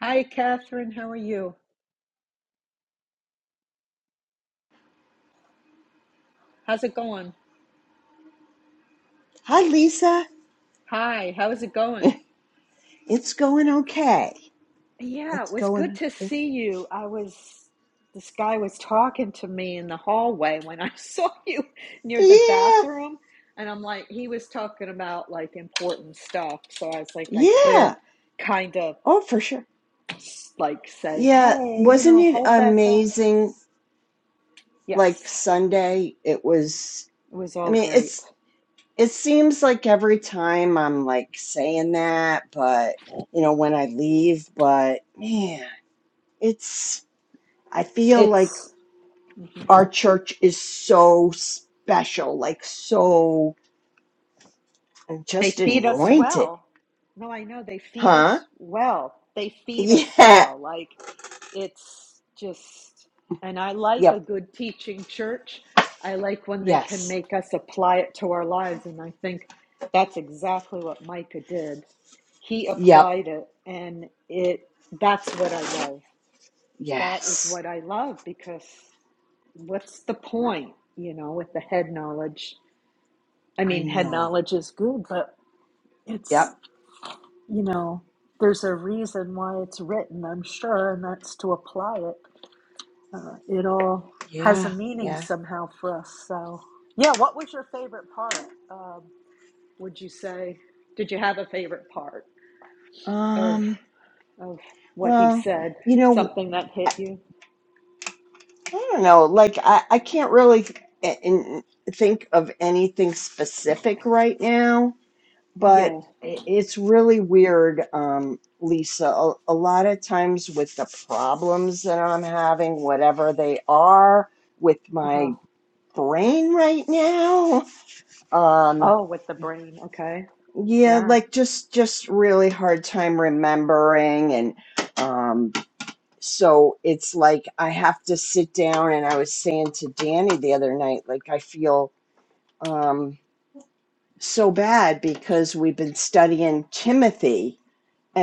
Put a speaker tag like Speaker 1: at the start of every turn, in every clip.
Speaker 1: Hi, Catherine. How are you? How's it going?
Speaker 2: Hi, Lisa.
Speaker 1: Hi, how is it going?
Speaker 2: It's going okay.
Speaker 1: Yeah, it
Speaker 2: It's
Speaker 1: was good
Speaker 2: going.
Speaker 1: to
Speaker 2: It,
Speaker 1: see you. I was, this guy was talking to me in the hallway when I saw you near the
Speaker 2: yeah,
Speaker 1: bathroom. And I'm like, he was talking about like important stuff. So I was like, I
Speaker 2: yeah.
Speaker 1: couldn't kind of
Speaker 2: Oh, for sure.
Speaker 1: like say,
Speaker 2: Yeah,
Speaker 1: hey, you
Speaker 2: wasn't
Speaker 1: know,
Speaker 2: it
Speaker 1: hold that thought.
Speaker 2: amazing?
Speaker 1: Yes,
Speaker 2: Like Sunday, it was.
Speaker 1: it was
Speaker 2: I
Speaker 1: all
Speaker 2: mean,
Speaker 1: great.
Speaker 2: it's. It seems like every time I'm like saying that, but you know, when I leave, but man, it's. I feel like
Speaker 1: It's,
Speaker 2: our church is so special, like so just
Speaker 1: They feed us
Speaker 2: anointed,
Speaker 1: well. No, I know they feed
Speaker 2: huh?
Speaker 1: us well. They feed us
Speaker 2: Yeah.
Speaker 1: well. Like it's just, and I like a
Speaker 2: Yep.
Speaker 1: good teaching church. I like when they can
Speaker 2: Yes.
Speaker 1: make us apply it to our lives. And I think that's exactly what Micah did. He
Speaker 2: Yep.
Speaker 1: applied it, and it, that's what I love. That is
Speaker 2: Yes.
Speaker 1: what I love because what's the point, you know, with the head knowledge? I
Speaker 2: I
Speaker 1: mean, head
Speaker 2: know.
Speaker 1: knowledge is good, but it's
Speaker 2: Yep.
Speaker 1: you know, there's a reason why it's written, I'm sure, and that's to apply it. Uh, it all has a
Speaker 2: Yeah.
Speaker 1: meaning
Speaker 2: Yeah.
Speaker 1: somehow for us. So, yeah, what was your favorite part? Um, would you say, did you have a favorite part of
Speaker 2: Um.
Speaker 1: of what he
Speaker 2: Well,
Speaker 1: said?
Speaker 2: you know,
Speaker 1: Something that hit
Speaker 2: I,
Speaker 1: you?
Speaker 2: I don't know. Like, I I can't really a- in, think of anything specific right now, but
Speaker 1: Yeah.
Speaker 2: i- it's really weird, um, Lisa. A, a lot of times with the problems that I'm having, whatever they are, with
Speaker 1: Uh huh.
Speaker 2: my brain right now. um,
Speaker 1: Oh, with the brain. Okay.
Speaker 2: Yeah,
Speaker 1: Yeah.
Speaker 2: like just just really hard time remembering and um so it's like I have to sit down and I was saying to Danny the other night like I feel um so bad because we've been studying Timothy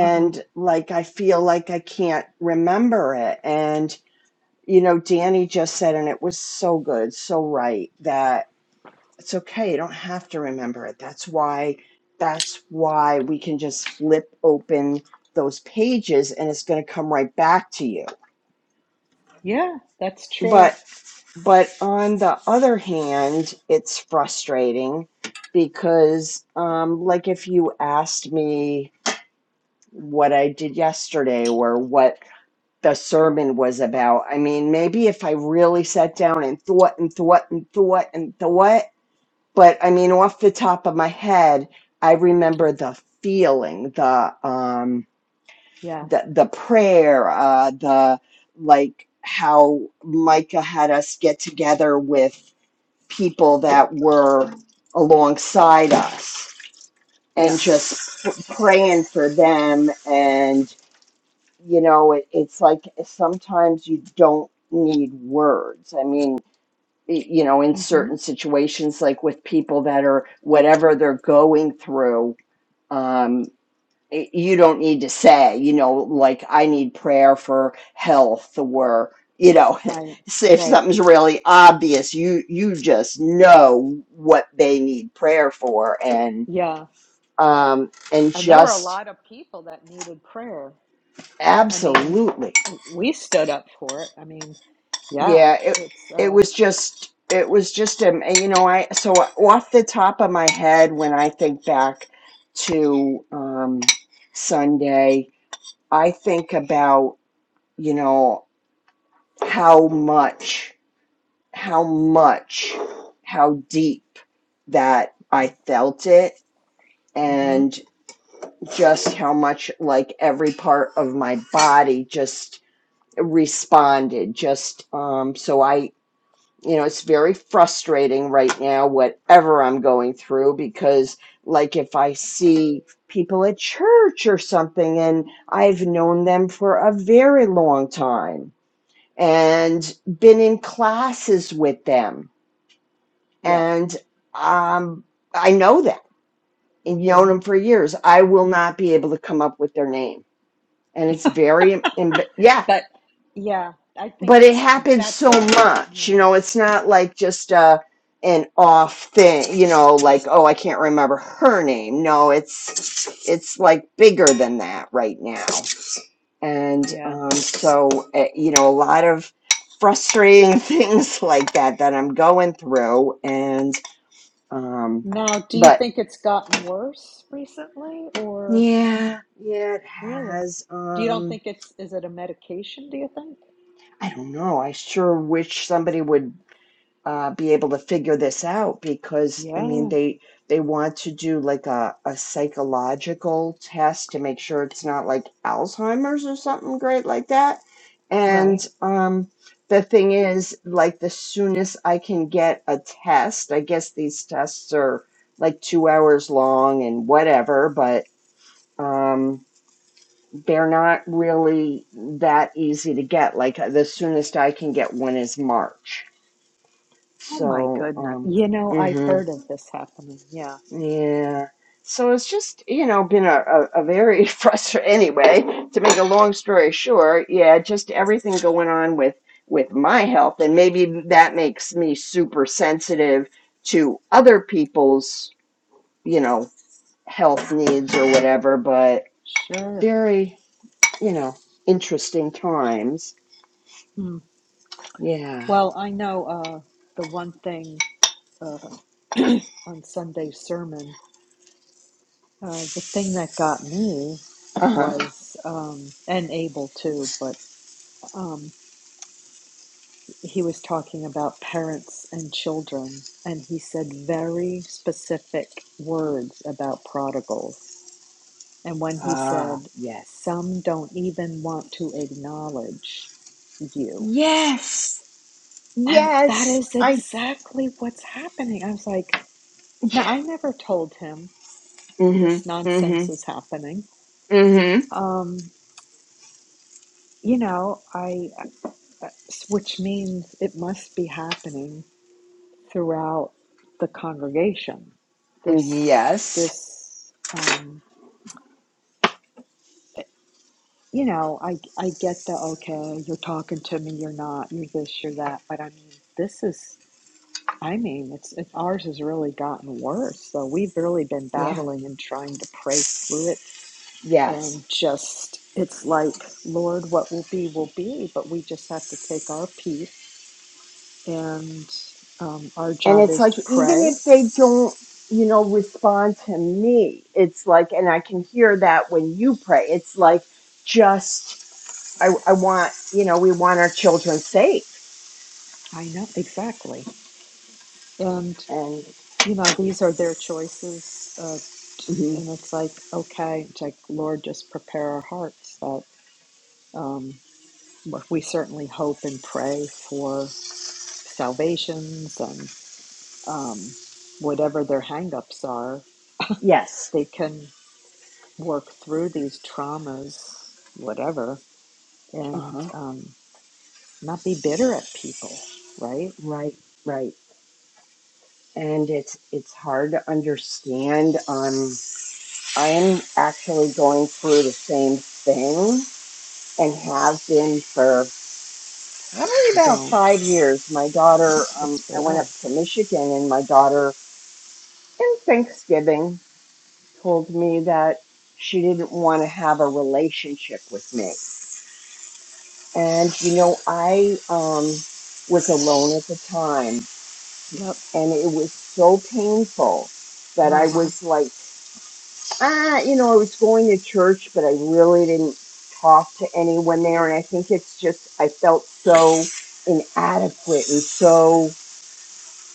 Speaker 1: Uh huh.
Speaker 2: like I feel like I can't remember it and you know Danny just said and it was so good, so right that it's okay you don't have to remember it that's why that's why we can just flip open those pages and it's going to come right back to you
Speaker 1: Yeah, that's true.
Speaker 2: but but on the other hand it's frustrating because um like if you asked me what i did yesterday or what the sermon was about i mean maybe if i really sat down and thought and thought and thought and thought but I mean, off the top of my head, I remember the feeling, the um,
Speaker 1: Yeah.
Speaker 2: the the prayer, uh, the like how Micah had us get together with people that were alongside us and
Speaker 1: Yeah.
Speaker 2: just p- praying for them. And you know, it, it's like sometimes you don't need words. I mean, you know, in
Speaker 1: Mm-hmm.
Speaker 2: certain situations, like with people that are whatever they're going through, um, y- you don't need to say, you know, like I need prayer for health or you know,
Speaker 1: Right.
Speaker 2: so if
Speaker 1: Right.
Speaker 2: something's really obvious, you you just know what they need prayer for, and
Speaker 1: Yeah.
Speaker 2: um, and
Speaker 1: And there were a
Speaker 2: just
Speaker 1: lot of people that needed prayer. I mean,
Speaker 2: absolutely
Speaker 1: we stood up for it. I mean, yeah,
Speaker 2: yeah it
Speaker 1: it's
Speaker 2: it
Speaker 1: uh
Speaker 2: was just it was just um you know i so off the top of my head when i think back to um sunday i think about you know how much how much how deep that i felt it
Speaker 1: hmm
Speaker 2: and just how much like every part of my body just responded just um so i you know it's very frustrating right now whatever i'm going through because like if i see people at church or something and i've known them for a very long time and been in classes with them
Speaker 1: yeah.
Speaker 2: and um i know them and known
Speaker 1: hmm
Speaker 2: them for years i will not be able to come up with their name and it's very emb- yeah
Speaker 1: But yeah, I think
Speaker 2: but it happens
Speaker 1: that's
Speaker 2: so
Speaker 1: a
Speaker 2: much you
Speaker 1: yeah,
Speaker 2: know it's not like just uh an off thing you know like oh i can't remember her name no it's it's like bigger than that right now and
Speaker 1: yeah.
Speaker 2: um so uh, you know a lot of frustrating things like that that i'm going through and um
Speaker 1: Now, do you
Speaker 2: but
Speaker 1: think it's gotten worse recently or
Speaker 2: yeah yeah it
Speaker 1: really?
Speaker 2: has
Speaker 1: Do you don't
Speaker 2: um
Speaker 1: think it's is it a medication, do you think?
Speaker 2: i don't know i sure wish somebody would uh, be able to figure this out because I mean
Speaker 1: Yeah,
Speaker 2: they they want to do like a, a psychological test to make sure it's not like Alzheimer's or something great like that.
Speaker 1: right.
Speaker 2: And um, the thing is, like the soonest I can get a test, I guess these tests are like two hours long and whatever, but um, they're not really that easy to get. Like the soonest I can get one is March
Speaker 1: Oh my
Speaker 2: so,
Speaker 1: goodness.
Speaker 2: um,
Speaker 1: You know, I've
Speaker 2: hmm
Speaker 1: heard of this happening. Yeah,
Speaker 2: yeah. So it's just, you know, been a, a, a very frustrating, anyway, to make a long story short, yeah, just everything going on with, with my health. And maybe that makes me super sensitive to other people's, you know, health needs or whatever, but
Speaker 1: sure.
Speaker 2: very, you know, interesting times.
Speaker 1: Hmm.
Speaker 2: Yeah.
Speaker 1: Well, I know uh, the one thing uh, on Sunday's sermon, uh, the thing that got me
Speaker 2: Uh-huh.
Speaker 1: was, um, and Abel too, but um, he was talking about parents and children, and he said very specific words about prodigals. And when he
Speaker 2: Ah,
Speaker 1: said,
Speaker 2: yes.
Speaker 1: some don't even want to acknowledge you.
Speaker 2: Yes.
Speaker 1: And that
Speaker 2: Yes.
Speaker 1: is
Speaker 2: I
Speaker 1: exactly what's happening. I was like, now I never told him
Speaker 2: hmm
Speaker 1: this
Speaker 2: hmm
Speaker 1: nonsense is happening.
Speaker 2: hmm
Speaker 1: Um, you know, I, which means it must be happening throughout the congregation. This,
Speaker 2: Yes.
Speaker 1: this, um, you know, I, I get the okay, you're talking to me, you're not, you're this, you're that, but I mean, this is, I mean, it's, it's ours has really gotten worse. So we've really been
Speaker 2: Yeah.
Speaker 1: battling and trying to pray through it and
Speaker 2: Yes.
Speaker 1: just it's like lord what will be will be but we just have to take our piece and um, our
Speaker 2: And
Speaker 1: job
Speaker 2: it's
Speaker 1: is
Speaker 2: like
Speaker 1: to
Speaker 2: even
Speaker 1: pray
Speaker 2: if they don't, you know, respond to me, it's like, and I can hear that when you pray. It's like just I, I want, you know, we want our children safe.
Speaker 1: i know exactly and
Speaker 2: And
Speaker 1: you know these are their choices uh, and
Speaker 2: mhm,
Speaker 1: it's like okay it's like lord just prepare our hearts that um, what we certainly hope and pray for salvations and um, whatever their hangups are
Speaker 2: yes.
Speaker 1: they can work through these traumas, whatever, and
Speaker 2: Uh-huh.
Speaker 1: um, not be bitter at people, right?
Speaker 2: Right, right. And it's it's hard to understand. Um I'm actually going through the same thing and have been for Probably about
Speaker 1: Don't.
Speaker 2: five years. My daughter, um,
Speaker 1: It's
Speaker 2: I went up
Speaker 1: bad.
Speaker 2: to Michigan, and my daughter, in Thanksgiving, told me that she didn't want to have a relationship with me. And you know, I um, was alone at the time,
Speaker 1: Yep.
Speaker 2: and it was so painful that
Speaker 1: Uh
Speaker 2: I
Speaker 1: huh.
Speaker 2: was like, ah, you know, I was going to church, but I really didn't talk to anyone there. And I think it's just I felt so inadequate and so.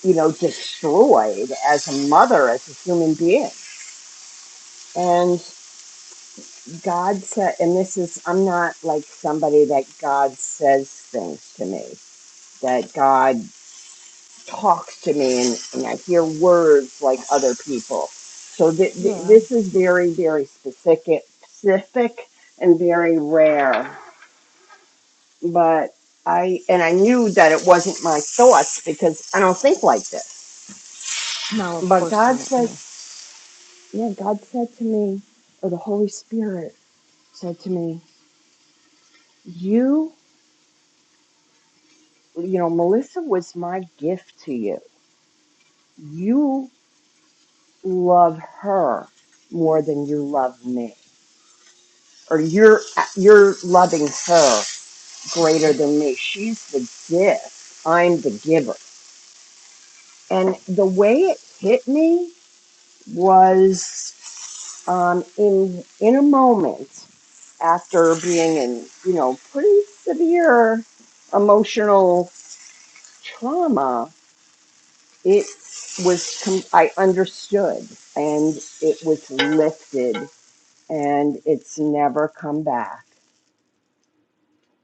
Speaker 2: you know, destroyed as a mother, as a human being. And God said, and this is, I'm not like somebody that God says things to me, that God talks to me and, and I hear words like other people. So th- th-
Speaker 1: Yeah.
Speaker 2: this is very, very specific, specific and very rare. But I, and I knew that it wasn't my thoughts because I don't think like this.
Speaker 1: No, of
Speaker 2: But
Speaker 1: course
Speaker 2: God
Speaker 1: not. Yeah.
Speaker 2: says. Yeah, God said to me, or the Holy Spirit said to me, You, you know, Melissa was my gift to you. You love her more than you love me, or you're you're loving her
Speaker 1: hmm
Speaker 2: greater than me. She's the gift. I'm the giver. And the way it hit me was um, in in a moment after being in you know pretty severe emotional trauma, it was, com- I understood and it was lifted and it's never come back.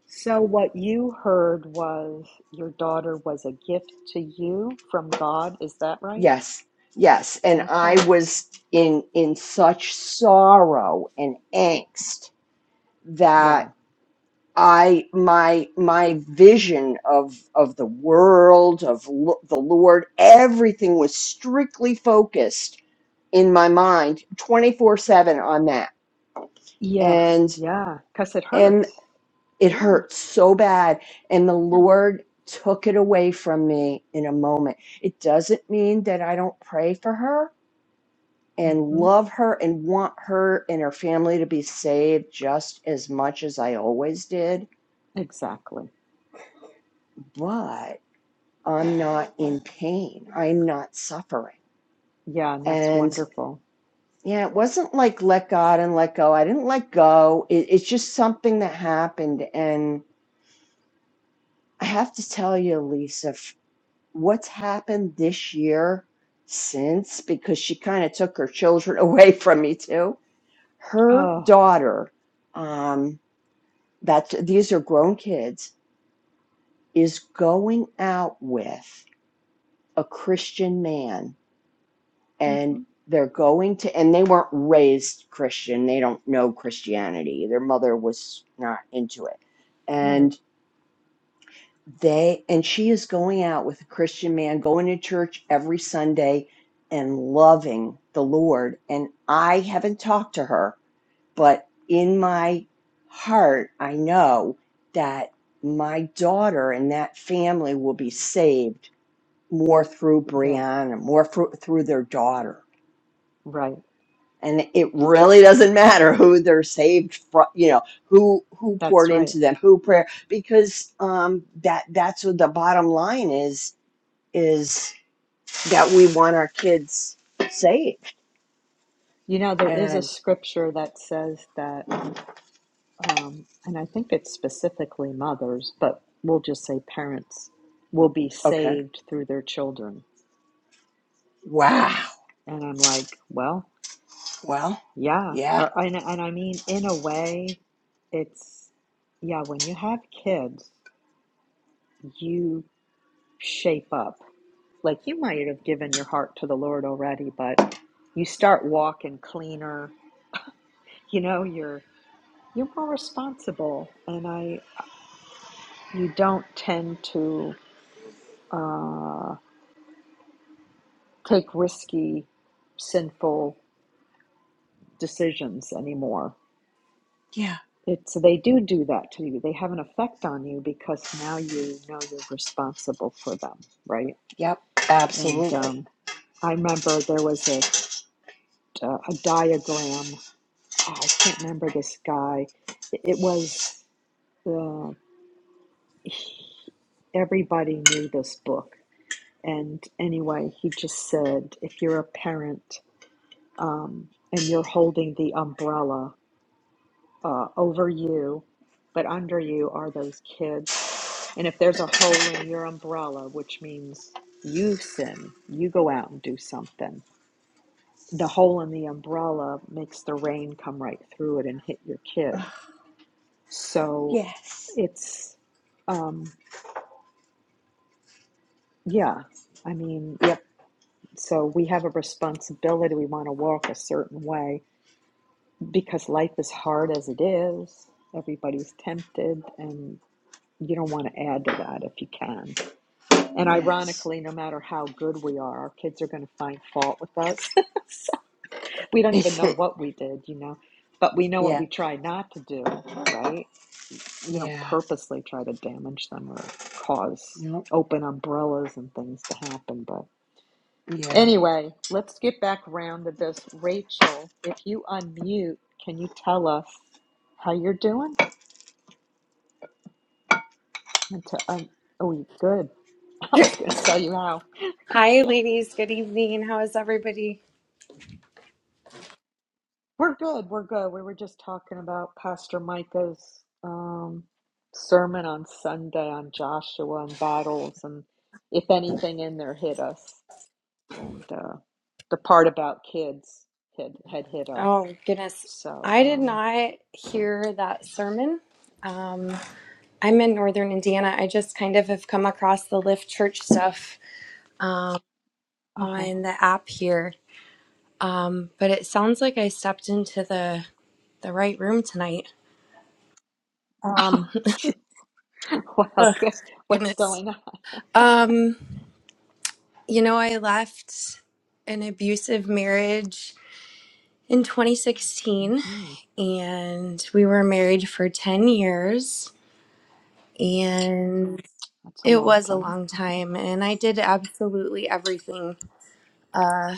Speaker 1: So, what you heard was your daughter was a gift to you from God. Is that right?
Speaker 2: Yes, yes. And
Speaker 1: Okay.
Speaker 2: I was in, in such sorrow and angst
Speaker 1: Yeah.
Speaker 2: that I, my, my vision of, of the world, of lo- the Lord, everything was strictly focused in my mind 24 7 on that.
Speaker 1: Yeah.
Speaker 2: And
Speaker 1: Yeah. Because it hurts.
Speaker 2: It
Speaker 1: Yeah.
Speaker 2: hurt so bad. And the
Speaker 1: Yeah.
Speaker 2: Lord took it away from me in a moment. It doesn't mean that I don't pray for her and
Speaker 1: Mm-hmm.
Speaker 2: love her and want her and her family to be saved just as much as I always did.
Speaker 1: Exactly.
Speaker 2: But I'm not in pain, I'm not suffering.
Speaker 1: Yeah. And that's
Speaker 2: And
Speaker 1: wonderful.
Speaker 2: yeah, it wasn't like let God and let go. I didn't let go. It, it's just something that happened. And I have to tell you, Lisa, what's happened this year since because she kind of took her children away from me too her
Speaker 1: Oh.
Speaker 2: daughter um that these are grown kids is going out with a christian man
Speaker 1: Mm-hmm.
Speaker 2: and they're going to and they weren't raised christian they don't know christianity their mother was not into it
Speaker 1: Right.
Speaker 2: and. they and she is going out with a christian man going to church every sunday and loving the lord and i haven't talked to her but in my heart i know that my daughter and that family will be saved more through
Speaker 1: Yeah,
Speaker 2: brianna more through, through their daughter
Speaker 1: right.
Speaker 2: and it really doesn't matter who they're saved from you know who who poured
Speaker 1: That's right.
Speaker 2: into them who prayer because um that that's what the bottom line is is that we want our kids saved.
Speaker 1: You know, there is a
Speaker 2: And
Speaker 1: scripture that says that, um, and I think it's specifically mothers, but we'll just say parents will be
Speaker 2: okay,
Speaker 1: saved through their children.
Speaker 2: wow.
Speaker 1: And I'm like, well,
Speaker 2: Well,
Speaker 1: yeah.
Speaker 2: yeah,
Speaker 1: Or, and, and I mean, in a way, it's, yeah, when you have kids, you shape up. Like you might have given your heart to the Lord already, but you start walking cleaner. You know, you're you're more responsible and i you don't tend to uh, take risky sinful decisions anymore
Speaker 2: yeah,
Speaker 1: it's they do do that to you they have an effect on you because now you know you're responsible for them right
Speaker 2: yep,
Speaker 1: and
Speaker 2: absolutely.
Speaker 1: um, i remember there was a uh, a diagram Ah, i can't remember this guy it, it was uh, he, everybody knew this book And anyway, he just said, if you're a parent um, and you're holding the umbrella uh, over you, but under you are those kids. And if there's a hole in your umbrella, which means you sin, you go out and do something, the hole in the umbrella makes the rain come right through it and hit your
Speaker 2: Ugh,
Speaker 1: kid. So
Speaker 2: yes,
Speaker 1: it's, um, yeah, I mean,
Speaker 2: yep,
Speaker 1: so we have a responsibility. We want to walk a certain way because life is hard as it is. Everybody's tempted, and you don't want to add to that if you can. And
Speaker 2: yes,
Speaker 1: ironically, no matter how good we are, our kids are going to find fault with us. So we don't even know what we did, you know, but we know what
Speaker 2: yeah,
Speaker 1: we try not to do, right? You don't
Speaker 2: yeah,
Speaker 1: purposely try to damage them or cause
Speaker 2: yep,
Speaker 1: open umbrellas and things to happen, but.
Speaker 2: yeah.
Speaker 1: Anyway, let's get back round to this. Rachel, if you unmute, can you tell us how you're doing? And to, um, oh, you good. I was going to tell you how.
Speaker 3: Hi,
Speaker 1: Okay.
Speaker 3: ladies. Good evening. How is everybody?
Speaker 1: We're good. We're good. We were just talking about Pastor Micah's um, sermon on Sunday on Joshua and battles, and if anything in there hit us, and uh, the part about kids had had hit us.
Speaker 3: Oh, goodness.
Speaker 1: So,
Speaker 3: I did
Speaker 1: um,
Speaker 3: not hear that sermon. Um, I'm in Northern Indiana. I just kind of have come across the Lift Church stuff um,
Speaker 1: uh
Speaker 3: on
Speaker 1: huh.
Speaker 3: the app here. Um, but it sounds like I stepped into the the right room tonight. Um,
Speaker 1: Well,
Speaker 3: ugh,
Speaker 1: good. What's
Speaker 3: goodness.
Speaker 1: going on?
Speaker 3: Um, you know, I left an abusive marriage in 2016
Speaker 1: hmm
Speaker 3: and we were married for 10 years and
Speaker 1: That's a
Speaker 3: it
Speaker 1: long
Speaker 3: was a
Speaker 1: time.
Speaker 3: long time and i did absolutely everything uh,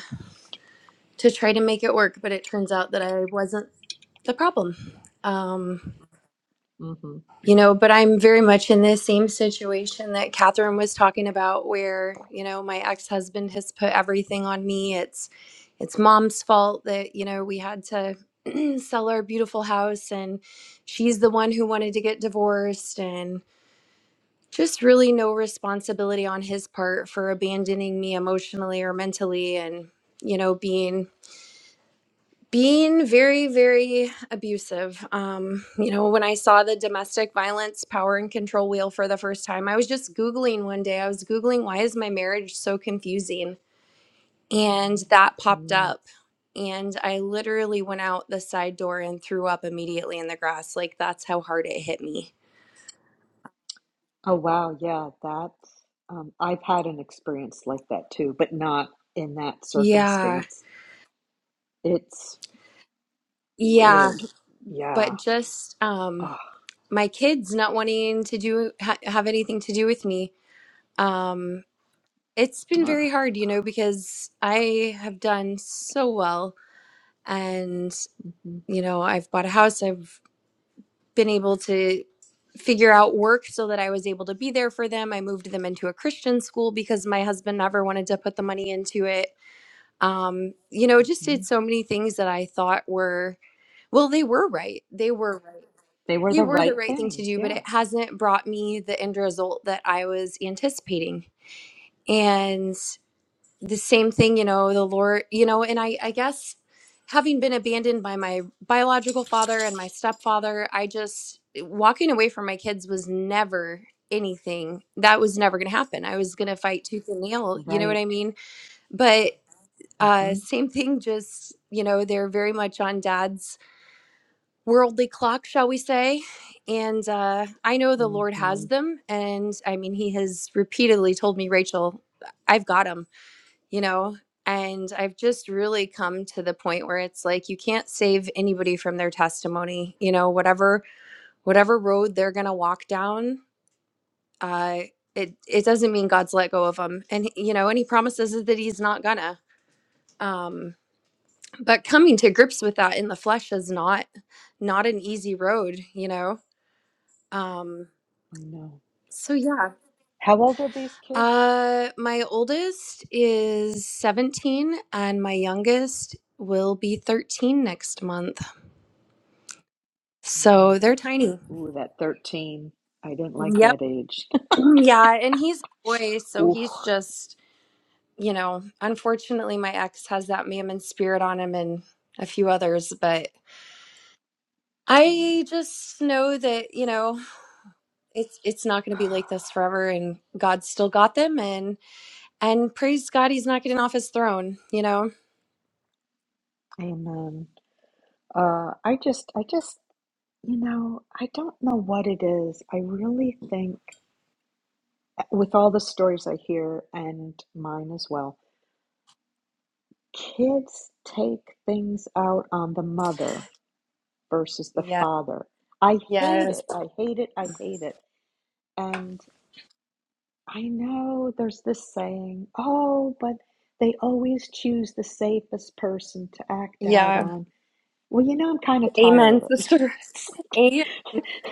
Speaker 3: to try to make it work but it turns out that i wasn't the problem Um,
Speaker 1: hmm
Speaker 3: You know, but I'm very much in the same situation that Catherine was talking about, where, you know, my ex-husband has put everything on me. It's it's mom's fault that, you know, we had to sell our beautiful house and she's the one who wanted to get divorced and just really no responsibility on his part for abandoning me emotionally or mentally and, you know, being being very very abusive um you know when i saw the domestic violence power and control wheel for the first time i was just googling one day i was googling why is my marriage so confusing and that popped
Speaker 1: Mm.
Speaker 3: up and i literally went out the side door and threw up immediately in the grass like that's how hard it hit me
Speaker 1: Oh, wow. Yeah, that um, I've had an experience like that too, but not in that
Speaker 3: yeah
Speaker 1: circumstance. It's
Speaker 3: yeah
Speaker 1: weird. Yeah.
Speaker 3: but just um
Speaker 1: Oh,
Speaker 3: my kids not wanting to do ha- have anything to do with me um It's been very hard, you know, because I have done so well and,
Speaker 1: hmm
Speaker 3: you know, I've bought a house. I've been able to figure out work so that I was able to be there for them. I moved them into a Christian school because my husband never wanted to put the money into it. Um, you know, just
Speaker 1: hmm
Speaker 3: did so many things that I thought were, well, they were right. They were right.
Speaker 1: They were
Speaker 3: They
Speaker 1: the
Speaker 3: were the
Speaker 1: right
Speaker 3: right thing to
Speaker 1: things.
Speaker 3: do, but
Speaker 1: Yeah.
Speaker 3: it hasn't brought me the end result that I was anticipating. and. the same thing you know the lord you know and i i guess having been abandoned by my biological father and my stepfather i just walking away from my kids was never anything that was never going to happen i was going to fight tooth and nail you know what
Speaker 1: Right.
Speaker 3: i mean but uh
Speaker 1: hmm
Speaker 3: same thing just you know they're very much on dad's worldly clock shall we say and uh i know the lord
Speaker 1: hmm
Speaker 3: has them and i mean he has repeatedly told me rachel i've got 'em you know? And I've just really come to the point where it's like you can't save anybody from their testimony. You know, whatever whatever road they're gonna walk down, uh, it it doesn't mean God's let go of them. And he- you know, and He promises us that He's not gonna. Um, but coming to grips with that in the flesh is not not an easy road. You know. Um,
Speaker 1: I know.
Speaker 3: so yeah.
Speaker 1: How old are these kids?
Speaker 3: Uh, my oldest is 17 and my youngest will be 13 next month.
Speaker 1: Mm.
Speaker 3: So they're tiny.
Speaker 1: Ooh, that 13. I didn't like
Speaker 3: Yep.
Speaker 1: that age.
Speaker 3: Yeah. And he's a boy. So
Speaker 1: Ooh.
Speaker 3: he's just, you know, unfortunately, my ex has that mammon spirit on him and a few others. But I just know that, you know, it's it's not going to be like this forever and God's still got them and and praise God he's not getting off his throne, you know.
Speaker 1: Amen. Uh, I just, I just, you know, I don't know what it is. I really think, eh, with all the stories I hear and mine as well, kids take things out on the mother versus the
Speaker 3: Yeah.
Speaker 1: father. I hate
Speaker 3: Yes.
Speaker 1: it. I hate it. I hate it. And I know there's this saying, oh, but they always choose the safest person to act out
Speaker 3: Yeah.
Speaker 1: on. Well, you know, I'm kind of tired
Speaker 3: Amen,
Speaker 1: of it.
Speaker 3: sister.
Speaker 1: It's like,
Speaker 3: Amen.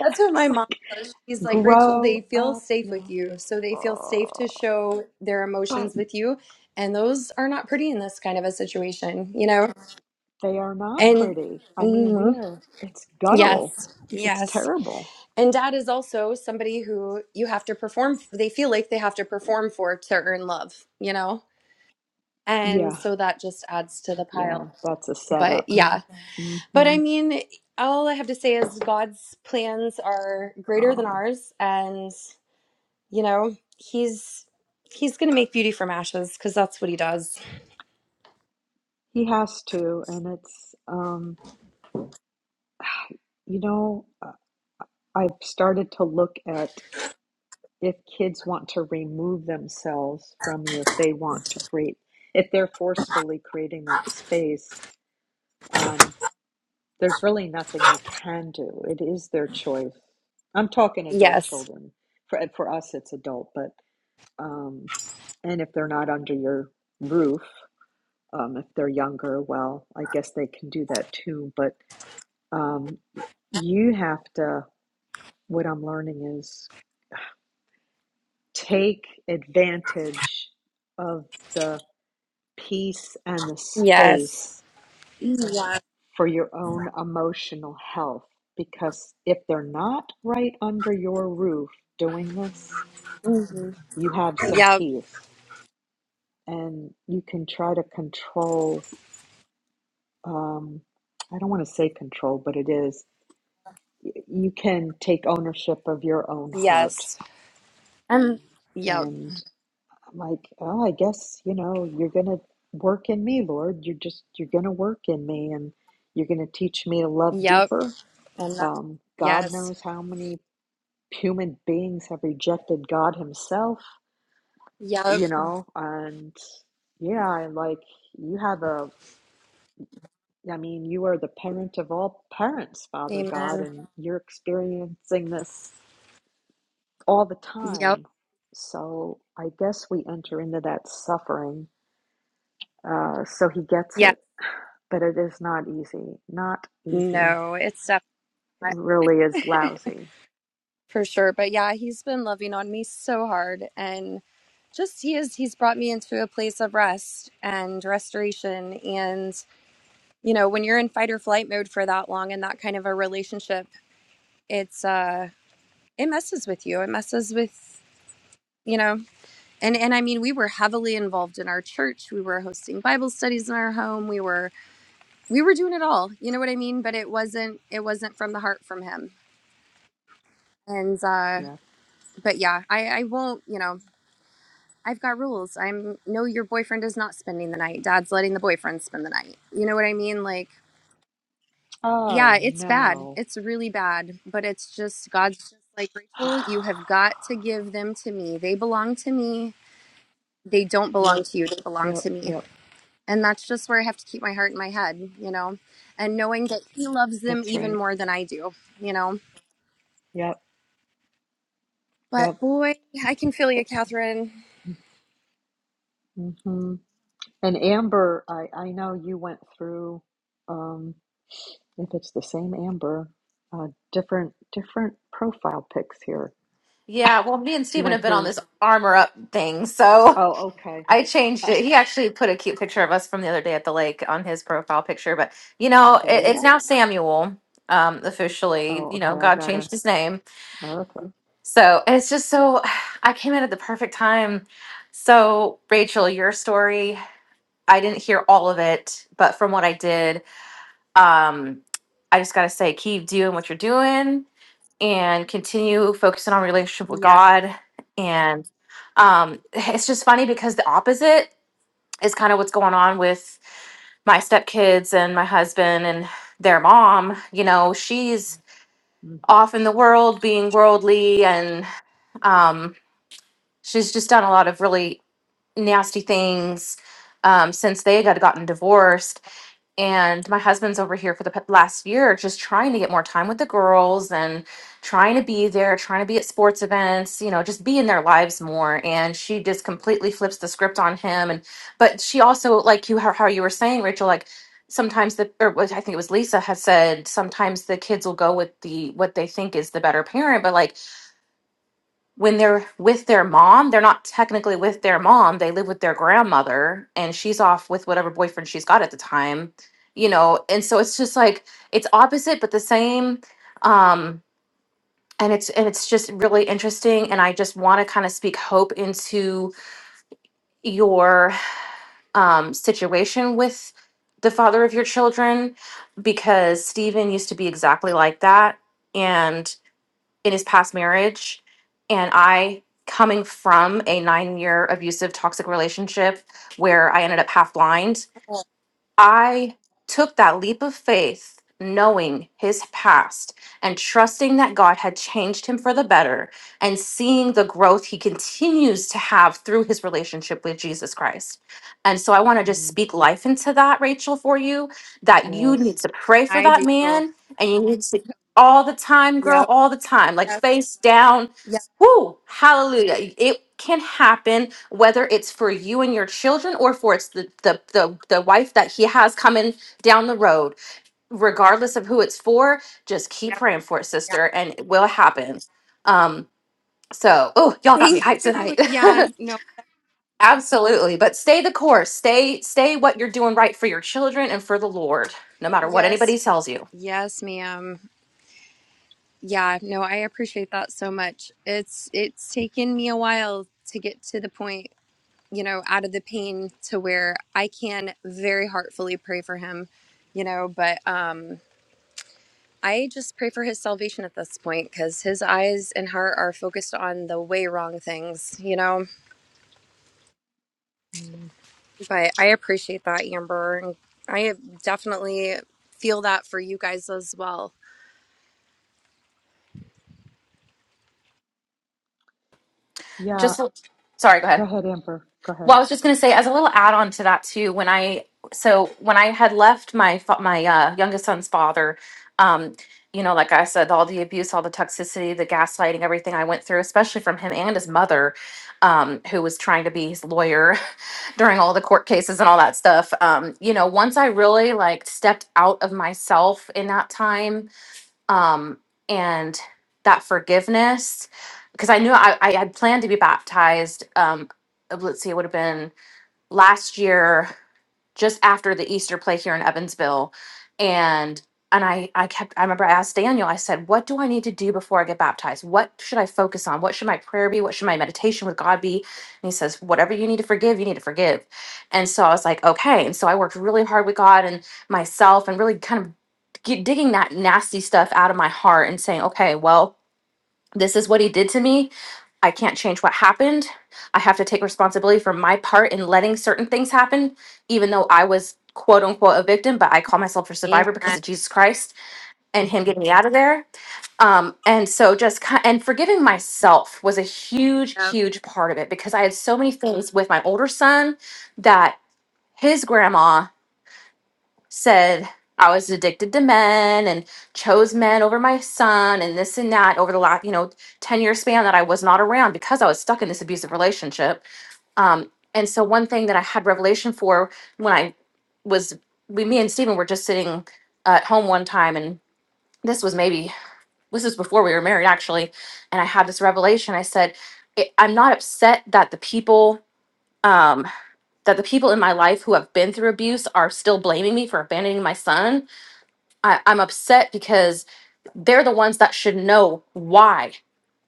Speaker 3: That's what my
Speaker 1: it's like
Speaker 3: mom says. She's like, Rachel,
Speaker 1: grow
Speaker 3: they feel
Speaker 1: up,
Speaker 3: safe
Speaker 1: you
Speaker 3: with
Speaker 1: know.
Speaker 3: you. So they feel safe to
Speaker 1: Uh,
Speaker 3: show their
Speaker 1: but
Speaker 3: emotions with you. And those are not pretty in this kind of a situation, you know?
Speaker 1: they are not
Speaker 3: And
Speaker 1: pretty. I mean, we
Speaker 3: mhm.
Speaker 1: are, it's guttural.
Speaker 3: yes,
Speaker 1: It's
Speaker 3: yes.
Speaker 1: terrible.
Speaker 3: And dad is also somebody who you have to perform, they feel like they have to perform for to earn love, you know? And
Speaker 1: Yeah,
Speaker 3: so that just adds to the pile.
Speaker 1: yeah, that's a
Speaker 3: But
Speaker 1: setup.
Speaker 3: yeah. But I
Speaker 1: hmm
Speaker 3: mean, all I have to say is God's plans are greater than
Speaker 1: Oh,
Speaker 3: ours. And You know, he's he's gonna make beauty from ashes because that's what he does.
Speaker 1: he has to. And it's, um, you know, uh, I've started to look at if kids want to remove themselves from you, if they want to create, if they're forcefully creating that space. um, There's really nothing you can do. It is their choice. I'm talking adult
Speaker 3: Yes.
Speaker 1: children. For for us, it's adult, but um, and if they're not under your roof, um, if they're younger, well, I guess they can do that too. But um, you have to. What I'm learning is take advantage of the peace and the
Speaker 3: Yes.
Speaker 1: space
Speaker 3: Yeah.
Speaker 1: for your own emotional health because if they're not right under your roof doing this,
Speaker 3: Mhm.
Speaker 1: you have some
Speaker 3: Yep.
Speaker 1: peace and you can try to control. Um, I don't want to say control, but it is. y- You can take ownership of your own heart.
Speaker 3: Yes. And yep.
Speaker 1: And I'm like, oh, I guess, you know, you're going to work in me, Lord. You're just, you're going to work in me and you're going to teach me to love
Speaker 3: Yep.
Speaker 1: deeper.
Speaker 3: And that,
Speaker 1: Um, God
Speaker 3: yes.
Speaker 1: knows how many human beings have rejected God Himself,
Speaker 3: Yep.
Speaker 1: you know, and yeah, like you have a, I mean, you are the parent of all parents, Father God,
Speaker 3: Amen.
Speaker 1: and you're experiencing this all the
Speaker 3: Yep.
Speaker 1: time. So I guess we enter into that suffering. Uh, so He gets
Speaker 3: Yes.
Speaker 1: it, but it is not easy. Not easy.
Speaker 3: No, it's definitely
Speaker 1: It
Speaker 3: not
Speaker 1: really is lousy.
Speaker 3: for sure. But yeah, he's been loving on me so hard and just he is he's brought me into a place of rest and restoration and. you know when you're in fight or flight mode for that long in that kind of a relationship it's uh it messes with you it messes with you know and and i mean we were heavily involved in our church we were hosting bible studies in our home we were we were doing it all you know what i mean but it wasn't it wasn't from the heart from him and uh
Speaker 1: Yes.
Speaker 3: but yeah i i won't you know i've got rules i'm no your boyfriend is not spending the night dad's letting the boyfriend spend the night you know what i mean like
Speaker 1: Oh,
Speaker 3: Yeah, it's bad.
Speaker 1: no.
Speaker 3: It's really bad. But it's just God's just like Rachel, you have got to give them to me. They belong to me. They don't belong
Speaker 1: yep,
Speaker 3: to you. They belong
Speaker 1: yep,
Speaker 3: to me.
Speaker 1: yep.
Speaker 3: And that's just where I have to keep my heart in my head, you know, and knowing that He loves them
Speaker 1: That's right.
Speaker 3: even more than I do, you know.
Speaker 1: Yep. Yep.
Speaker 3: But boy, I can feel you, Catherine.
Speaker 1: Mm-hmm. And Amber, I, I know you went through, um, if it's the same Amber, uh, different different profile pics here.
Speaker 4: Yeah, well, me and
Speaker 1: You
Speaker 4: Steven have
Speaker 1: went
Speaker 4: been on
Speaker 1: through.
Speaker 4: this armor up thing, so
Speaker 1: Oh, okay.
Speaker 4: I changed it. He actually put a cute picture of us from the other day at the lake on his profile picture, but you
Speaker 1: Well,
Speaker 4: know,
Speaker 1: there
Speaker 4: it,
Speaker 1: you
Speaker 4: it's
Speaker 1: go.
Speaker 4: now Samuel, um, officially.
Speaker 1: Oh,
Speaker 4: You
Speaker 1: okay.
Speaker 4: know,
Speaker 1: I
Speaker 4: God
Speaker 1: gotta.
Speaker 4: changed his name.
Speaker 1: Okay.
Speaker 4: So and it's just so I came in at the perfect time. So, Rachel, your story, I didn't hear all of it, but from what I did, um, I just gotta say, keep doing what you're doing and continue focusing on relationship with
Speaker 3: Yeah,
Speaker 4: God. And um, it's just funny because the opposite is kind of what's going on with my stepkids and my husband and their mom. You know, she's off in the world being worldly, and um, she's just done a lot of really nasty things um, since they got gotten divorced and my husband's over here for the p- last year just trying to get more time with the girls and trying to be there trying to be at sports events you know just be in their lives more and she just completely flips the script on him and but she also like you how, how you were saying rachel like sometimes the or was- i think it was lisa had said sometimes the kids will go with the what they think is the better parent but like when they're with their mom, they're not technically with their mom. They live with their grandmother and she's off with whatever boyfriend she's got at the time, you know. And so it's just like it's opposite but the same um and it's and it's just really interesting and I just want to kind of speak hope into your um situation with the father of your children because Stephen used to be exactly like that in his past marriage and i coming from a nine year abusive toxic relationship where i ended up half blind I took that leap of faith, knowing his past and trusting that God had changed him for the better and seeing the growth he continues to have through his relationship with Jesus Christ. And so I want to just
Speaker 1: Mm-hmm.
Speaker 4: speak life into that, Rachel, for you that you need
Speaker 1: Yes.
Speaker 4: to pray for
Speaker 3: I
Speaker 4: that
Speaker 3: do.
Speaker 4: man and you need to all the time, girl,
Speaker 3: Yep.
Speaker 4: all the time, like
Speaker 3: Yep.
Speaker 4: face down
Speaker 3: Yep.
Speaker 4: Woo! hallelujah. It can happen whether it's for you and your children or for it's the, the the the wife that he has coming down the road. Regardless of who it's for, just keep
Speaker 3: Yep.
Speaker 4: praying for it,
Speaker 3: yep.
Speaker 4: sister, and it will happen. Um, so oh, y'all got me
Speaker 3: Thank
Speaker 4: hyped
Speaker 3: you.
Speaker 4: tonight.
Speaker 3: Yeah. No.
Speaker 4: Absolutely. But stay the course. Stay stay what you're doing right for your children and for the Lord, no matter what
Speaker 3: Yes.
Speaker 4: anybody tells you.
Speaker 3: Yes, ma'am. Yeah, no, I appreciate that so much. It's it's taken me a while to get to the point, you know, out of the pain to where I can very heartfully pray for him, you know, but um I just pray for his salvation at this point cuz his eyes and heart are focused on the way wrong things, you know.
Speaker 1: Mm.
Speaker 3: But I appreciate that, Amber, and I definitely feel that for you guys as well.
Speaker 1: Yeah.
Speaker 4: Just sorry, go
Speaker 1: Go
Speaker 4: ahead.
Speaker 1: ahead, Amber. Go ahead.
Speaker 4: Well, I was just going to say, as a little add-on to that too, when I so when I had left my fa- my uh, youngest son's father, um, you know, like I said, all the abuse, all the toxicity, the gaslighting, everything I went through, especially from him and his mother, um, who was trying to be his lawyer during all the court cases and all that stuff. Um, you know, once I really like stepped out of myself in that time um, and that forgiveness because I knew I, I had planned to be baptized. Um, uh, let's see, it would have been last year just after the Easter play here in Evansville and and I I kept I remember I asked Daniel I said what do I need to do before I get baptized what should I focus on what should my prayer be what should my meditation with God be and he says whatever you need to forgive you need to forgive and so I was like okay and so I worked really hard with God and myself and really kind of get, digging that nasty stuff out of my heart and saying okay well this is what he did to me. I can't change what happened. I have to take responsibility for my part in letting certain things happen, even though I was quote unquote a victim, but I call myself a
Speaker 3: Amen.
Speaker 4: survivor because of Jesus Christ and Him
Speaker 1: Mm-hmm.
Speaker 4: getting me out of there. Um, and so just ki- and forgiving myself was a huge,
Speaker 3: Yep.
Speaker 4: huge part of it because I had so many things with my older son that his grandma said I was addicted to men and chose men over my son and this and that over the last, you know, 10 year span that I was not around because I was stuck in this abusive relationship. Um, and so one thing that I had revelation for when I was, we, me and Stephen were just sitting at home one time and this was maybe, this was before we were married actually. And I had this revelation. I said, "I- I'm not upset that the people, um, that the people in my life who have been through abuse are still blaming me for abandoning my son I, I'm upset because they're the ones that should know why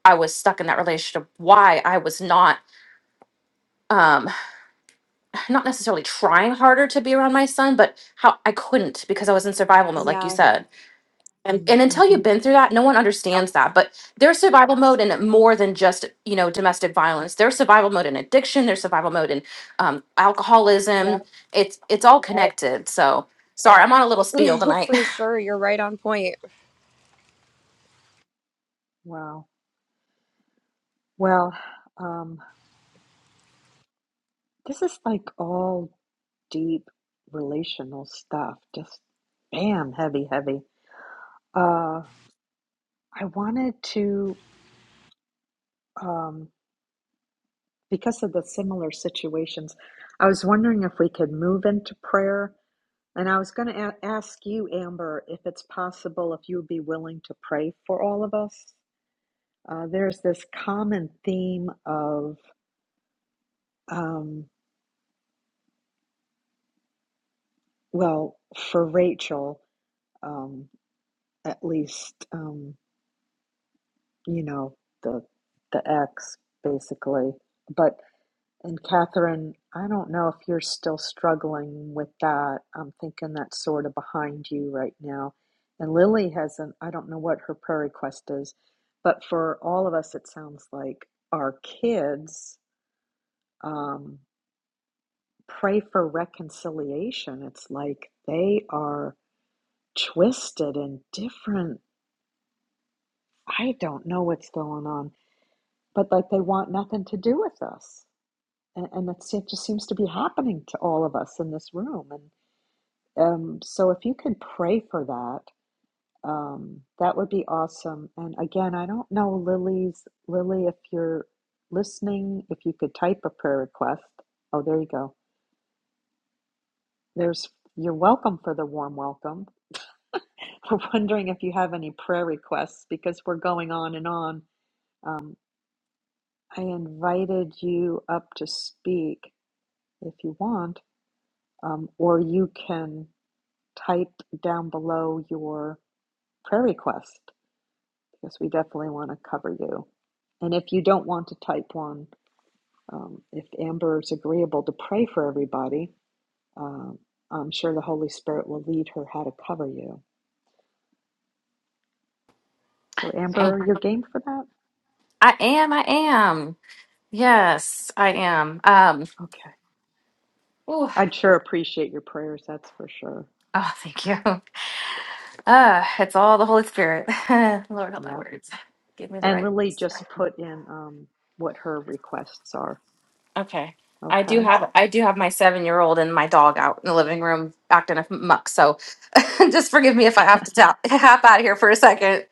Speaker 4: I was stuck in that relationship, why I was not um not necessarily trying harder to be around my son, but how I couldn't because I was in survival mode, like you
Speaker 3: Yeah.
Speaker 4: said. And
Speaker 1: Mm-hmm.
Speaker 4: and until
Speaker 1: mm-hmm.
Speaker 4: you've been through that, no one
Speaker 3: Yep.
Speaker 4: understands that. But there's survival mode in more than just, you know, domestic violence. There's survival mode in addiction, there's survival mode in um
Speaker 3: Yep.
Speaker 4: alcoholism. It's it's all
Speaker 3: Yep.
Speaker 4: connected. So sorry, I'm on a little spiel
Speaker 3: No,
Speaker 4: tonight.
Speaker 3: for sure. You're right on point.
Speaker 1: Wow. Well, um, this is like all. deep relational stuff. Just bam, heavy, heavy. Uh, I wanted to, um, because of the similar situations, I was wondering if we could move into prayer. And I was going to a- ask you, Amber, if it's possible, if you would be willing to pray for all of us. Uh, there's this common theme of, um, well, for Rachel, um, at least. Um, you know, the the ex basically. But and Catherine, I don't know if you're still struggling with that. I'm thinking that's sort of behind you right now. And Lily has an I don't know what her prayer request is, but for all of us, it sounds like our kids um, pray for reconciliation. It's like they are twisted and different. I don't know what's going on, but like they want nothing to do with us and, and that's, it just seems to be happening to all of us in this room. And um, so, if you could pray for that, um, that would be awesome. And again, I don't know Lily's Lily. If you're listening, if you could type a prayer request. Oh, there you go. There's you're welcome for the warm welcome. We're wondering if you have any prayer requests because we're going on and on. Um, I invited you up to speak if you want, um, or you can. type down below your prayer request because we definitely want to cover you. And if you don't want to type one, um, if Amber is agreeable to pray for everybody, um, I'm sure the Holy Spirit will lead her how to cover you. So, Amber, you're game for that?
Speaker 4: I am, I am. Yes, I am. Um,
Speaker 1: Okay.
Speaker 4: ooh,
Speaker 1: I'd sure appreciate your prayers, that's for sure.
Speaker 4: oh, thank you. Uh, it's all the Holy Spirit. Lord, help my
Speaker 1: Yep.
Speaker 4: words. Give me the
Speaker 1: And
Speaker 4: right.
Speaker 1: Lily just put in um, what her requests are.
Speaker 4: Okay. I do
Speaker 1: Okay.
Speaker 4: have I do have my seven year old and my dog out in the living room acting a muck. So just forgive me if I have to tap, hop out here for a second.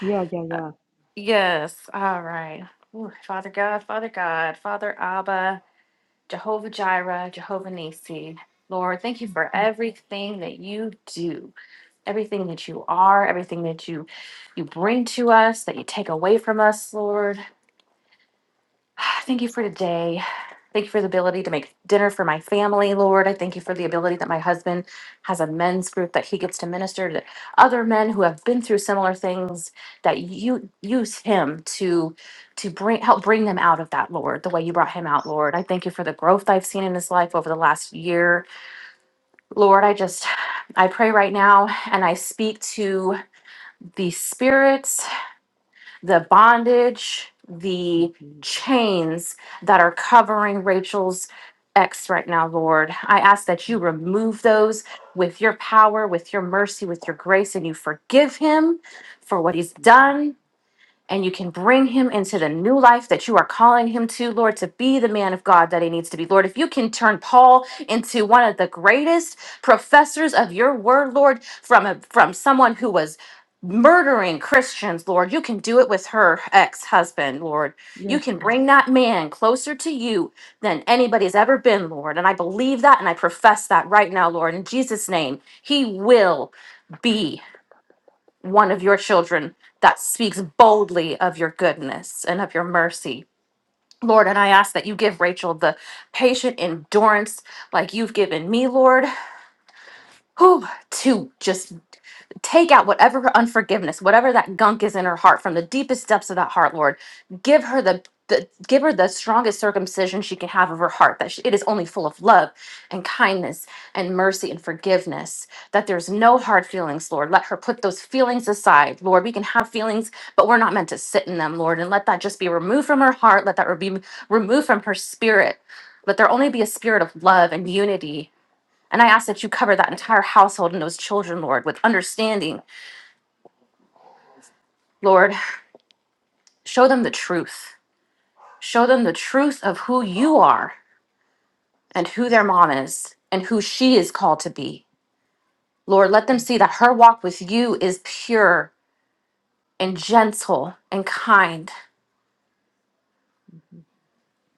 Speaker 1: Yeah, yeah, yeah.
Speaker 4: Yes. All right. Ooh, Father God, Father God, Father Abba, Jehovah Jireh, Jehovah Nisi. Lord, thank you for
Speaker 1: hmm
Speaker 4: everything that you do. everything that you are, everything that you you bring to us, that you take away from us, Lord. Thank you for today. Thank you for the ability to make dinner for my family, Lord. I thank you for the ability that my husband has a men's group that he gets to minister to other men who have been through similar things that you use him to to bring help bring them out of that, Lord, the way you brought him out,
Speaker 1: Yes.
Speaker 4: Lord. I thank you for the growth I've seen in his life over the last year. Lord, I just I pray right now and I speak to the spirits, the bondage, the chains that are covering Rachel's ex right now, Lord. I ask that you remove those with your power, with your mercy, with your grace, and you forgive him for what he's
Speaker 1: hmm
Speaker 4: done and you can bring him into the new life that you are calling him to, Lord, to be the man of God that he needs to be. Lord, if you can turn Paul into one of the greatest professors of your word, Lord, from a, from someone who was murdering Christians, Lord, you can do it with her ex-husband, Lord. You
Speaker 1: Yes,
Speaker 4: can
Speaker 1: God. Yes, God.
Speaker 4: bring that man closer to you than anybody's ever been, Lord. And I believe that and I profess that right now, Lord, in Jesus name. He will be one of your children that speaks boldly of your goodness and of your mercy. Lord, and I ask that you give Rachel the patient endurance like you've given me, Lord, whew, to just Take out whatever her unforgiveness, whatever that gunk is in her heart from the deepest depths of that heart, Lord. Give her the, the give her the strongest circumcision she can have of her heart that she, it is only full of love and kindness and mercy and forgiveness that there's no hard feelings lord let her put those feelings aside lord we can have feelings but we're not meant to sit in them lord and let that just be removed from her heart let that be removed from her spirit let there only be a spirit of love and unity and I ask that you cover that entire household and those children, Lord, with understanding Lord, show them the truth. Show them the truth of who you are and who their mom is and who she is called to be. Lord, let them
Speaker 1: Mhm.
Speaker 4: see that her walk with you is pure
Speaker 1: Yeah.
Speaker 4: and gentle and kind.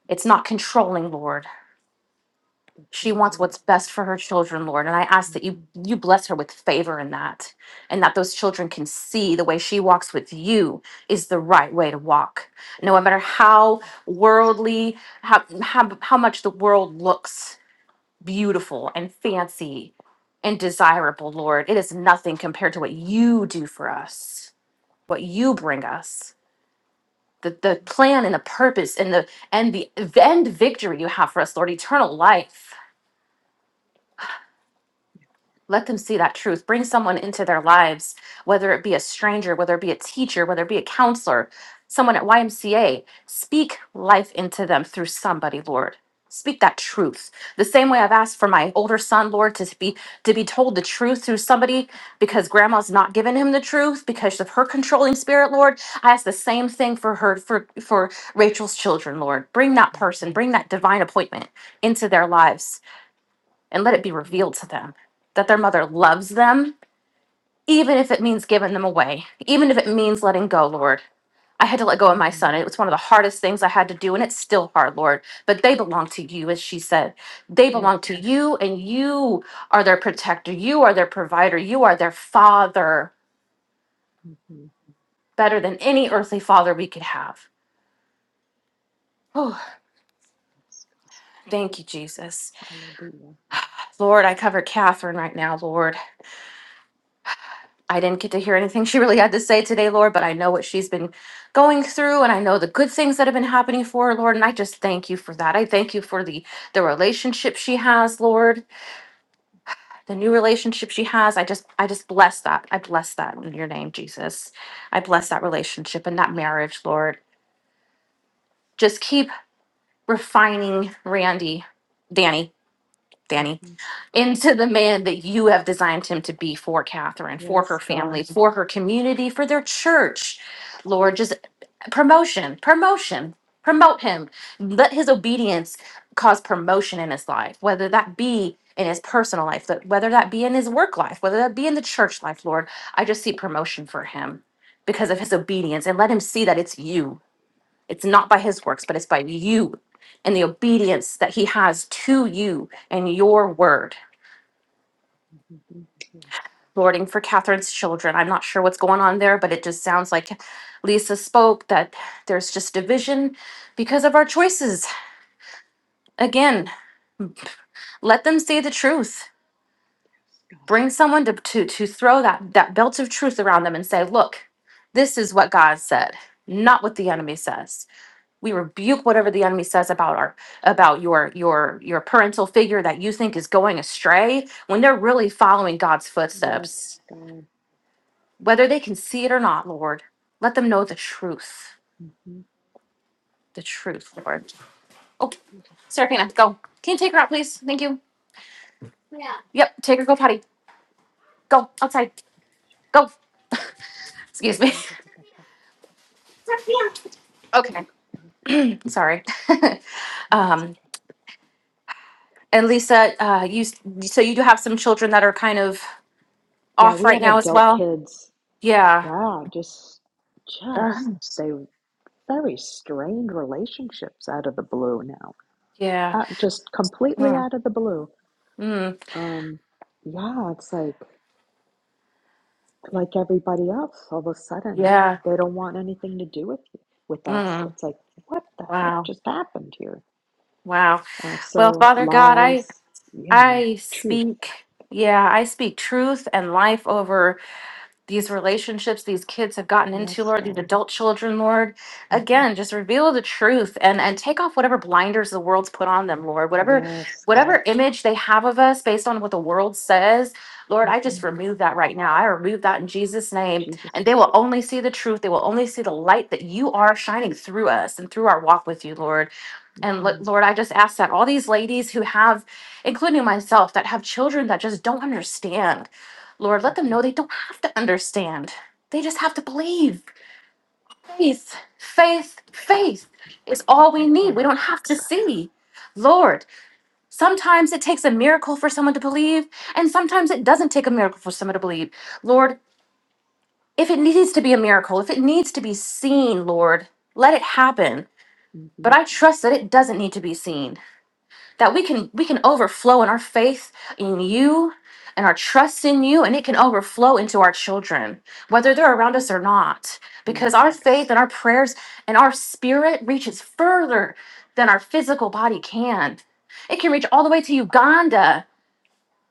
Speaker 4: It's not controlling, Lord.
Speaker 1: hmm That's
Speaker 4: She
Speaker 1: right,
Speaker 4: wants
Speaker 1: Lord.
Speaker 4: what's best for her children, Lord, and I ask that you you bless her with favor in that and that those children can see the way she walks with you is the right way to walk. No matter how worldly how how, how much the world looks beautiful and fancy and desirable, Lord. It is nothing compared to what you do for us, what you bring us. The, the plan and the purpose and the and the end victory you have for us, Lord, eternal life. Let them see that truth. Bring someone into their lives, whether it be a stranger, whether it be a teacher, whether it be a counselor, someone at YMCA. Speak life into them through somebody, Lord. Speak that truth. The same way I've asked for my older son, Lord, to be to be told the truth through somebody because grandma's not giving him the truth because of her controlling spirit, Lord. I ask the same thing for her for for Rachel's children, Lord. Bring that
Speaker 1: hmm
Speaker 4: person, bring that divine appointment into their lives and let it be
Speaker 1: Yes. hmm Yes.
Speaker 4: revealed to them that their mother
Speaker 1: Yes.
Speaker 4: loves them, even if it means giving them away, even if it means letting go, Lord. I had to let go of my son.
Speaker 1: Mm.
Speaker 4: It was one of the hardest things I had to do, and it's still hard, Lord. But they belong to you, as she said. They
Speaker 1: Yes.
Speaker 4: belong to you, and you are their protector. You are their provider. You are their father,
Speaker 1: hmm
Speaker 4: better than any earthly father we could have. Oh,
Speaker 1: Yes.
Speaker 4: thank you, Jesus.
Speaker 1: God. Hallelujah.
Speaker 4: Lord, I cover Catherine right now, Lord. I didn't get to hear anything she really had to say today, Lord, but I know what she's been going through and I know the good things that have been happening for her, Lord, and I just thank you for that. I thank you for the the relationship she has, Lord, the new relationship she has. I just I just bless that. I bless that in your name, Jesus. I bless that relationship and that marriage, Lord. Just keep refining Randy, Danny, Danny,
Speaker 1: hmm
Speaker 4: into the man that you have designed him to be for Catherine, for her
Speaker 1: Yes,
Speaker 4: family,
Speaker 1: God.
Speaker 4: for her community, for their church. Lord, just promotion, promotion, promote him. Let his obedience cause promotion in his life, whether that be in his personal life, that whether that be in his work life, whether that be in the church life, Lord. I just see promotion for him because of his obedience and let him see that it's you. It's not by his works, but it's by you and the obedience that he has to you and your word.
Speaker 1: hmm Yes.
Speaker 4: lording for Catherine's children. I'm not sure what's going on there, but it just sounds like Lisa spoke that there's just division because of our choices. Again, let them say the truth.
Speaker 1: Yes, God.
Speaker 4: Bring someone to, to, to throw that, that belt of truth around them and say, look, this is what God said, not what the enemy says. We rebuke whatever the enemy says about our about your your your parental figure that you think is going astray when they're really following God's
Speaker 1: Yes,
Speaker 4: footsteps
Speaker 1: God.
Speaker 4: whether they can see it or not, Lord, let them know the truth.
Speaker 1: hmm
Speaker 4: The truth, Lord. Oh, Seraphina, go. Can you take her out, please? Thank you. Yep, take her, go potty. Go outside. Go. Excuse me. Okay, sorry.
Speaker 1: That's
Speaker 4: um,
Speaker 1: okay.
Speaker 4: and Lisa, uh, you s- so you do have some children that are kind of
Speaker 1: Yeah,
Speaker 4: off
Speaker 1: we
Speaker 4: right
Speaker 1: have
Speaker 4: now as
Speaker 1: adult
Speaker 4: well.
Speaker 1: kids.
Speaker 4: Yeah.
Speaker 1: Yeah, just,
Speaker 4: Uh,
Speaker 1: just they. very strained relationships out of the blue now,
Speaker 4: yeah.
Speaker 1: uh, just completely
Speaker 4: Mm,
Speaker 1: out of the blue.
Speaker 4: mm,
Speaker 1: Um, yeah, it's like like everybody else. All of a sudden,
Speaker 4: yeah.
Speaker 1: they don't want anything to do with you, with us.
Speaker 4: Mm,
Speaker 1: It's like what the heck
Speaker 4: wow.
Speaker 1: just happened here?
Speaker 4: Wow.
Speaker 1: Uh,
Speaker 4: Well,
Speaker 1: so
Speaker 4: Father God, I
Speaker 1: lies, you know,
Speaker 4: I
Speaker 1: truth.
Speaker 4: speak, yeah, I speak truth and life over these relationships these kids have gotten into,
Speaker 1: Yes,
Speaker 4: Lord, these
Speaker 1: God.
Speaker 4: adult children, Lord.
Speaker 1: hmm
Speaker 4: Again, just reveal the truth and and take off whatever blinders the world's put on them, Lord. Whatever
Speaker 1: Yes, God.
Speaker 4: whatever image they have of us based on what the world says, Lord, I
Speaker 1: hmm
Speaker 4: just remove that right now. I remove that in Jesus' name.
Speaker 1: Jesus.
Speaker 4: And they will only see the truth. They will only see the light that you are shining through us and through our walk with you, Lord.
Speaker 1: hmm
Speaker 4: And lo- Lord, I just ask that all these ladies who have, including myself, that have children that just don't understand, Lord,
Speaker 1: hmm
Speaker 4: let them
Speaker 1: hmm
Speaker 4: know they don't have to understand. They just have to believe. Faith, faith, faith is all we need. We don't have to see. Lord, sometimes it takes a miracle for someone to believe, and sometimes it doesn't take a miracle for someone to believe. Lord, if it needs to be a miracle, if it needs to be seen, Lord, let it happen.
Speaker 1: Mm-hmm.
Speaker 4: But I trust that it doesn't need to be seen. that we can we can overflow in our faith in you and our trust in you and it can overflow into our children whether they're around us or not
Speaker 1: Yes,
Speaker 4: because our faith and our prayers and our spirit reaches further than our physical body can it can reach all the way to uganda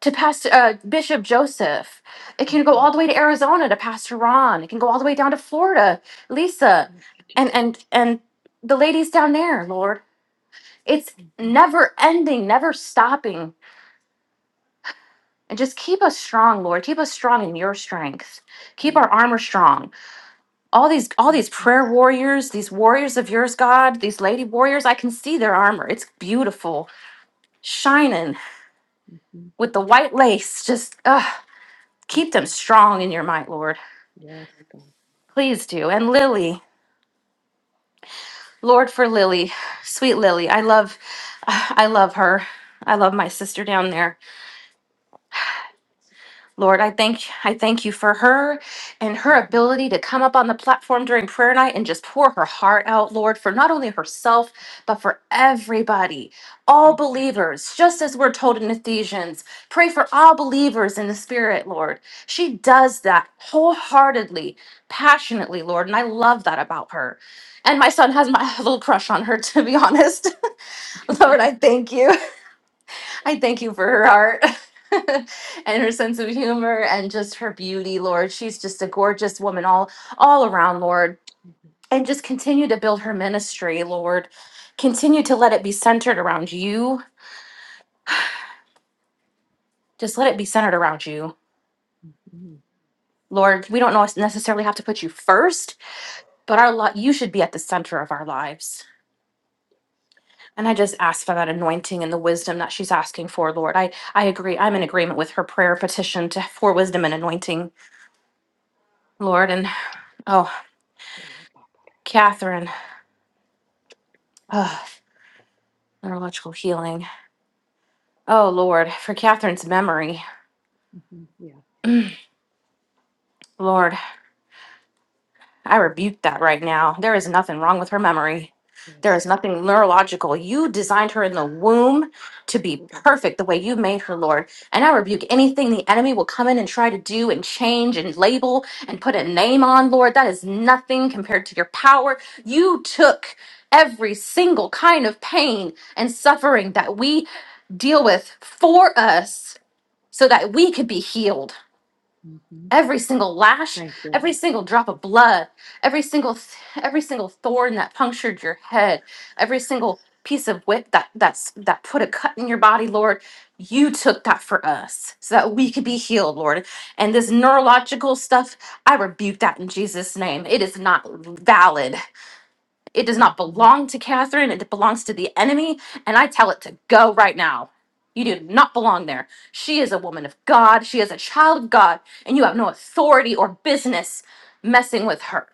Speaker 4: to pastor uh, bishop joseph it
Speaker 1: God.
Speaker 4: can go
Speaker 1: hmm
Speaker 4: all the way to arizona to pastor ron it can go all the way down to florida lisa
Speaker 1: Yes,
Speaker 4: and
Speaker 1: Jesus.
Speaker 4: and and the ladies down there lord it's
Speaker 1: hmm
Speaker 4: never ending, never stopping. And just keep us strong, Lord. Keep us strong in your strength. Keep
Speaker 1: Yes,
Speaker 4: our armor strong. All these all these
Speaker 1: yes.
Speaker 4: prayer warriors, these warriors of yours, God, these lady warriors, I can see their armor. It's beautiful, shining
Speaker 1: hmm
Speaker 4: with the white lace. Just uh,
Speaker 1: Thank
Speaker 4: keep them
Speaker 1: you,
Speaker 4: strong in your might, Lord.
Speaker 1: God. Yes, God.
Speaker 4: Please do. And Lily, Lord for Lily, sweet Lily. I love I love her. I love my sister down there. Lord, I thank I thank you for her and her
Speaker 1: hmm
Speaker 4: ability to come up on the platform during prayer night and just pour her heart out, Lord, for not only herself, but for everybody, all
Speaker 1: Thank you, Lord.
Speaker 4: believers, just as we're told in Ephesians, pray for all believers in the spirit, Lord. She does that wholeheartedly, passionately, Lord, and I love that about her. And my son has my little crush on her, to be honest. Lord, I thank you. I thank you for her heart and her sense of humor and just her beauty, Lord. She's just a gorgeous woman all all around, Lord.
Speaker 1: Amen.
Speaker 4: And just continue to build her ministry, Lord. Continue to let it be centered around you. Just let it be centered around you.
Speaker 1: hmm
Speaker 4: Lord, we don't nos- necessarily have to put you first, but our lot you should be at the center of our lives. And I just ask for that anointing and the wisdom that she's asking for, Lord. I I agree. I'm in agreement with her prayer petition to for wisdom and anointing, Lord. And oh, Catherine, ugh, neurological healing. Oh Lord, for Catherine's memory.
Speaker 1: hmm Yeah,
Speaker 4: Lord, I rebuke that right now. There is nothing wrong with her memory. There is
Speaker 1: yes,
Speaker 4: nothing neurological. You designed her in the womb to be
Speaker 1: Lord.
Speaker 4: perfect the way you made her, Lord. And I rebuke anything the enemy will come in and try to do and change and label and put a name on, Lord. That is nothing compared to your power. You took every single kind of pain and suffering that we deal with for us so that we could be healed.
Speaker 1: hmm
Speaker 4: Every single lash,
Speaker 1: Thank you,
Speaker 4: every
Speaker 1: Lord.
Speaker 4: single drop of blood, every single th- every single thorn that punctured your head, every single piece of whip that that's that put a cut in your body, Lord, you took that for us so that we could be
Speaker 1: hmm
Speaker 4: healed, Lord. And this neurological stuff, I rebuke that in Jesus name. It is not valid. It does not
Speaker 1: hmm
Speaker 4: belong to Catherine. It belongs to the enemy. And I tell it to go right now. You
Speaker 1: Yes,
Speaker 4: do not belong there. She is a woman of God. She is a child of God. And you have no authority or business messing with her.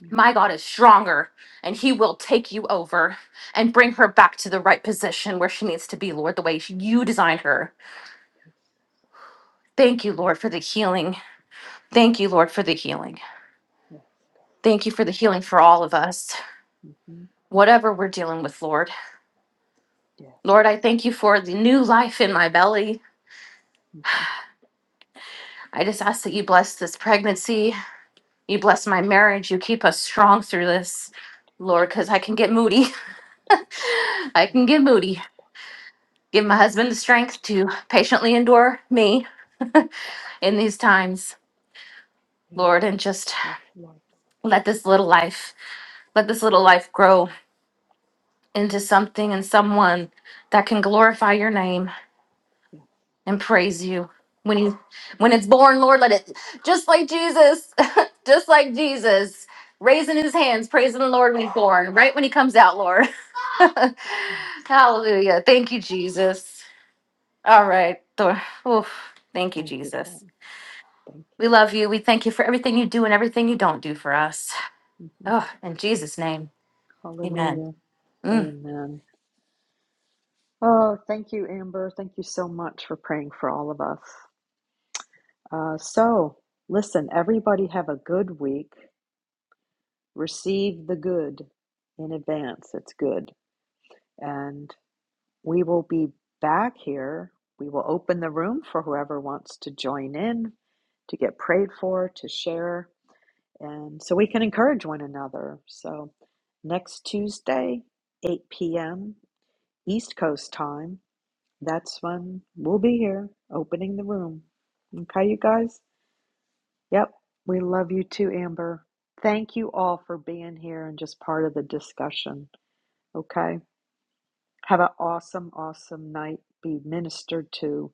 Speaker 1: yes,
Speaker 4: My God is stronger, and he will take you over and bring her back to the right position where she needs to be, Lord, the way you designed her.
Speaker 1: God.
Speaker 4: Thank you,
Speaker 1: Yes,
Speaker 4: Lord, for the healing. Thank you, Lord, for the healing.
Speaker 1: yes, God.
Speaker 4: Thank you for the healing for
Speaker 1: Yes,
Speaker 4: all of
Speaker 1: God.
Speaker 4: us,
Speaker 1: Yes, God. hmm
Speaker 4: whatever we're dealing with, Lord.
Speaker 1: Yes,
Speaker 4: Lord,
Speaker 1: God.
Speaker 4: I thank you for the new life in my belly.
Speaker 1: hmm
Speaker 4: I just ask that you bless this pregnancy. You bless my marriage. You keep us strong through this, Lord, because I can get moody. I
Speaker 1: God,
Speaker 4: can get
Speaker 1: yes.
Speaker 4: moody. Give my husband the strength to patiently endure me in these times,
Speaker 1: Yes.
Speaker 4: Lord, and just
Speaker 1: Health, Lord.
Speaker 4: let this little life, let this little life grow into something and someone that can glorify your name.
Speaker 1: Yes,
Speaker 4: and praise you. When you when it's born, Lord, let it just like Jesus, just like Jesus, raising his hands, praising the Lord when he's born, right when he comes out, Lord.
Speaker 1: yes, God.
Speaker 4: Hallelujah. Thank you, Jesus. All right. Lord. Oof. Thank you,
Speaker 1: Thank you, God.
Speaker 4: Jesus.
Speaker 1: Thank
Speaker 4: We love you. We thank you for everything you do and everything you don't do for us.
Speaker 1: you. hmm
Speaker 4: Oh, in Jesus' name. Amen.
Speaker 1: Hallelujah.
Speaker 4: Mm.
Speaker 1: Amen. Oh, thank you, Amber. Thank you so much for praying for all of us. Uh, so, listen, everybody have a good week. Receive the good in advance. It's good. And we will be back here. We will open the room for whoever wants to join in, to get prayed for, to share, and so we can encourage one another. So, next Tuesday, 8 p.m. East Coast time. That's fun. We'll be here opening the room. Okay, you guys? Yep. We love you too, Amber. Thank you all for being here and just part of the discussion. Okay. Have an awesome, awesome night. Be ministered to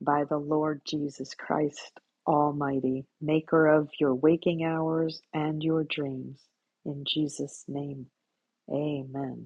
Speaker 1: by the Lord Jesus Christ Almighty, maker of your waking hours and your dreams. In Jesus' name, amen.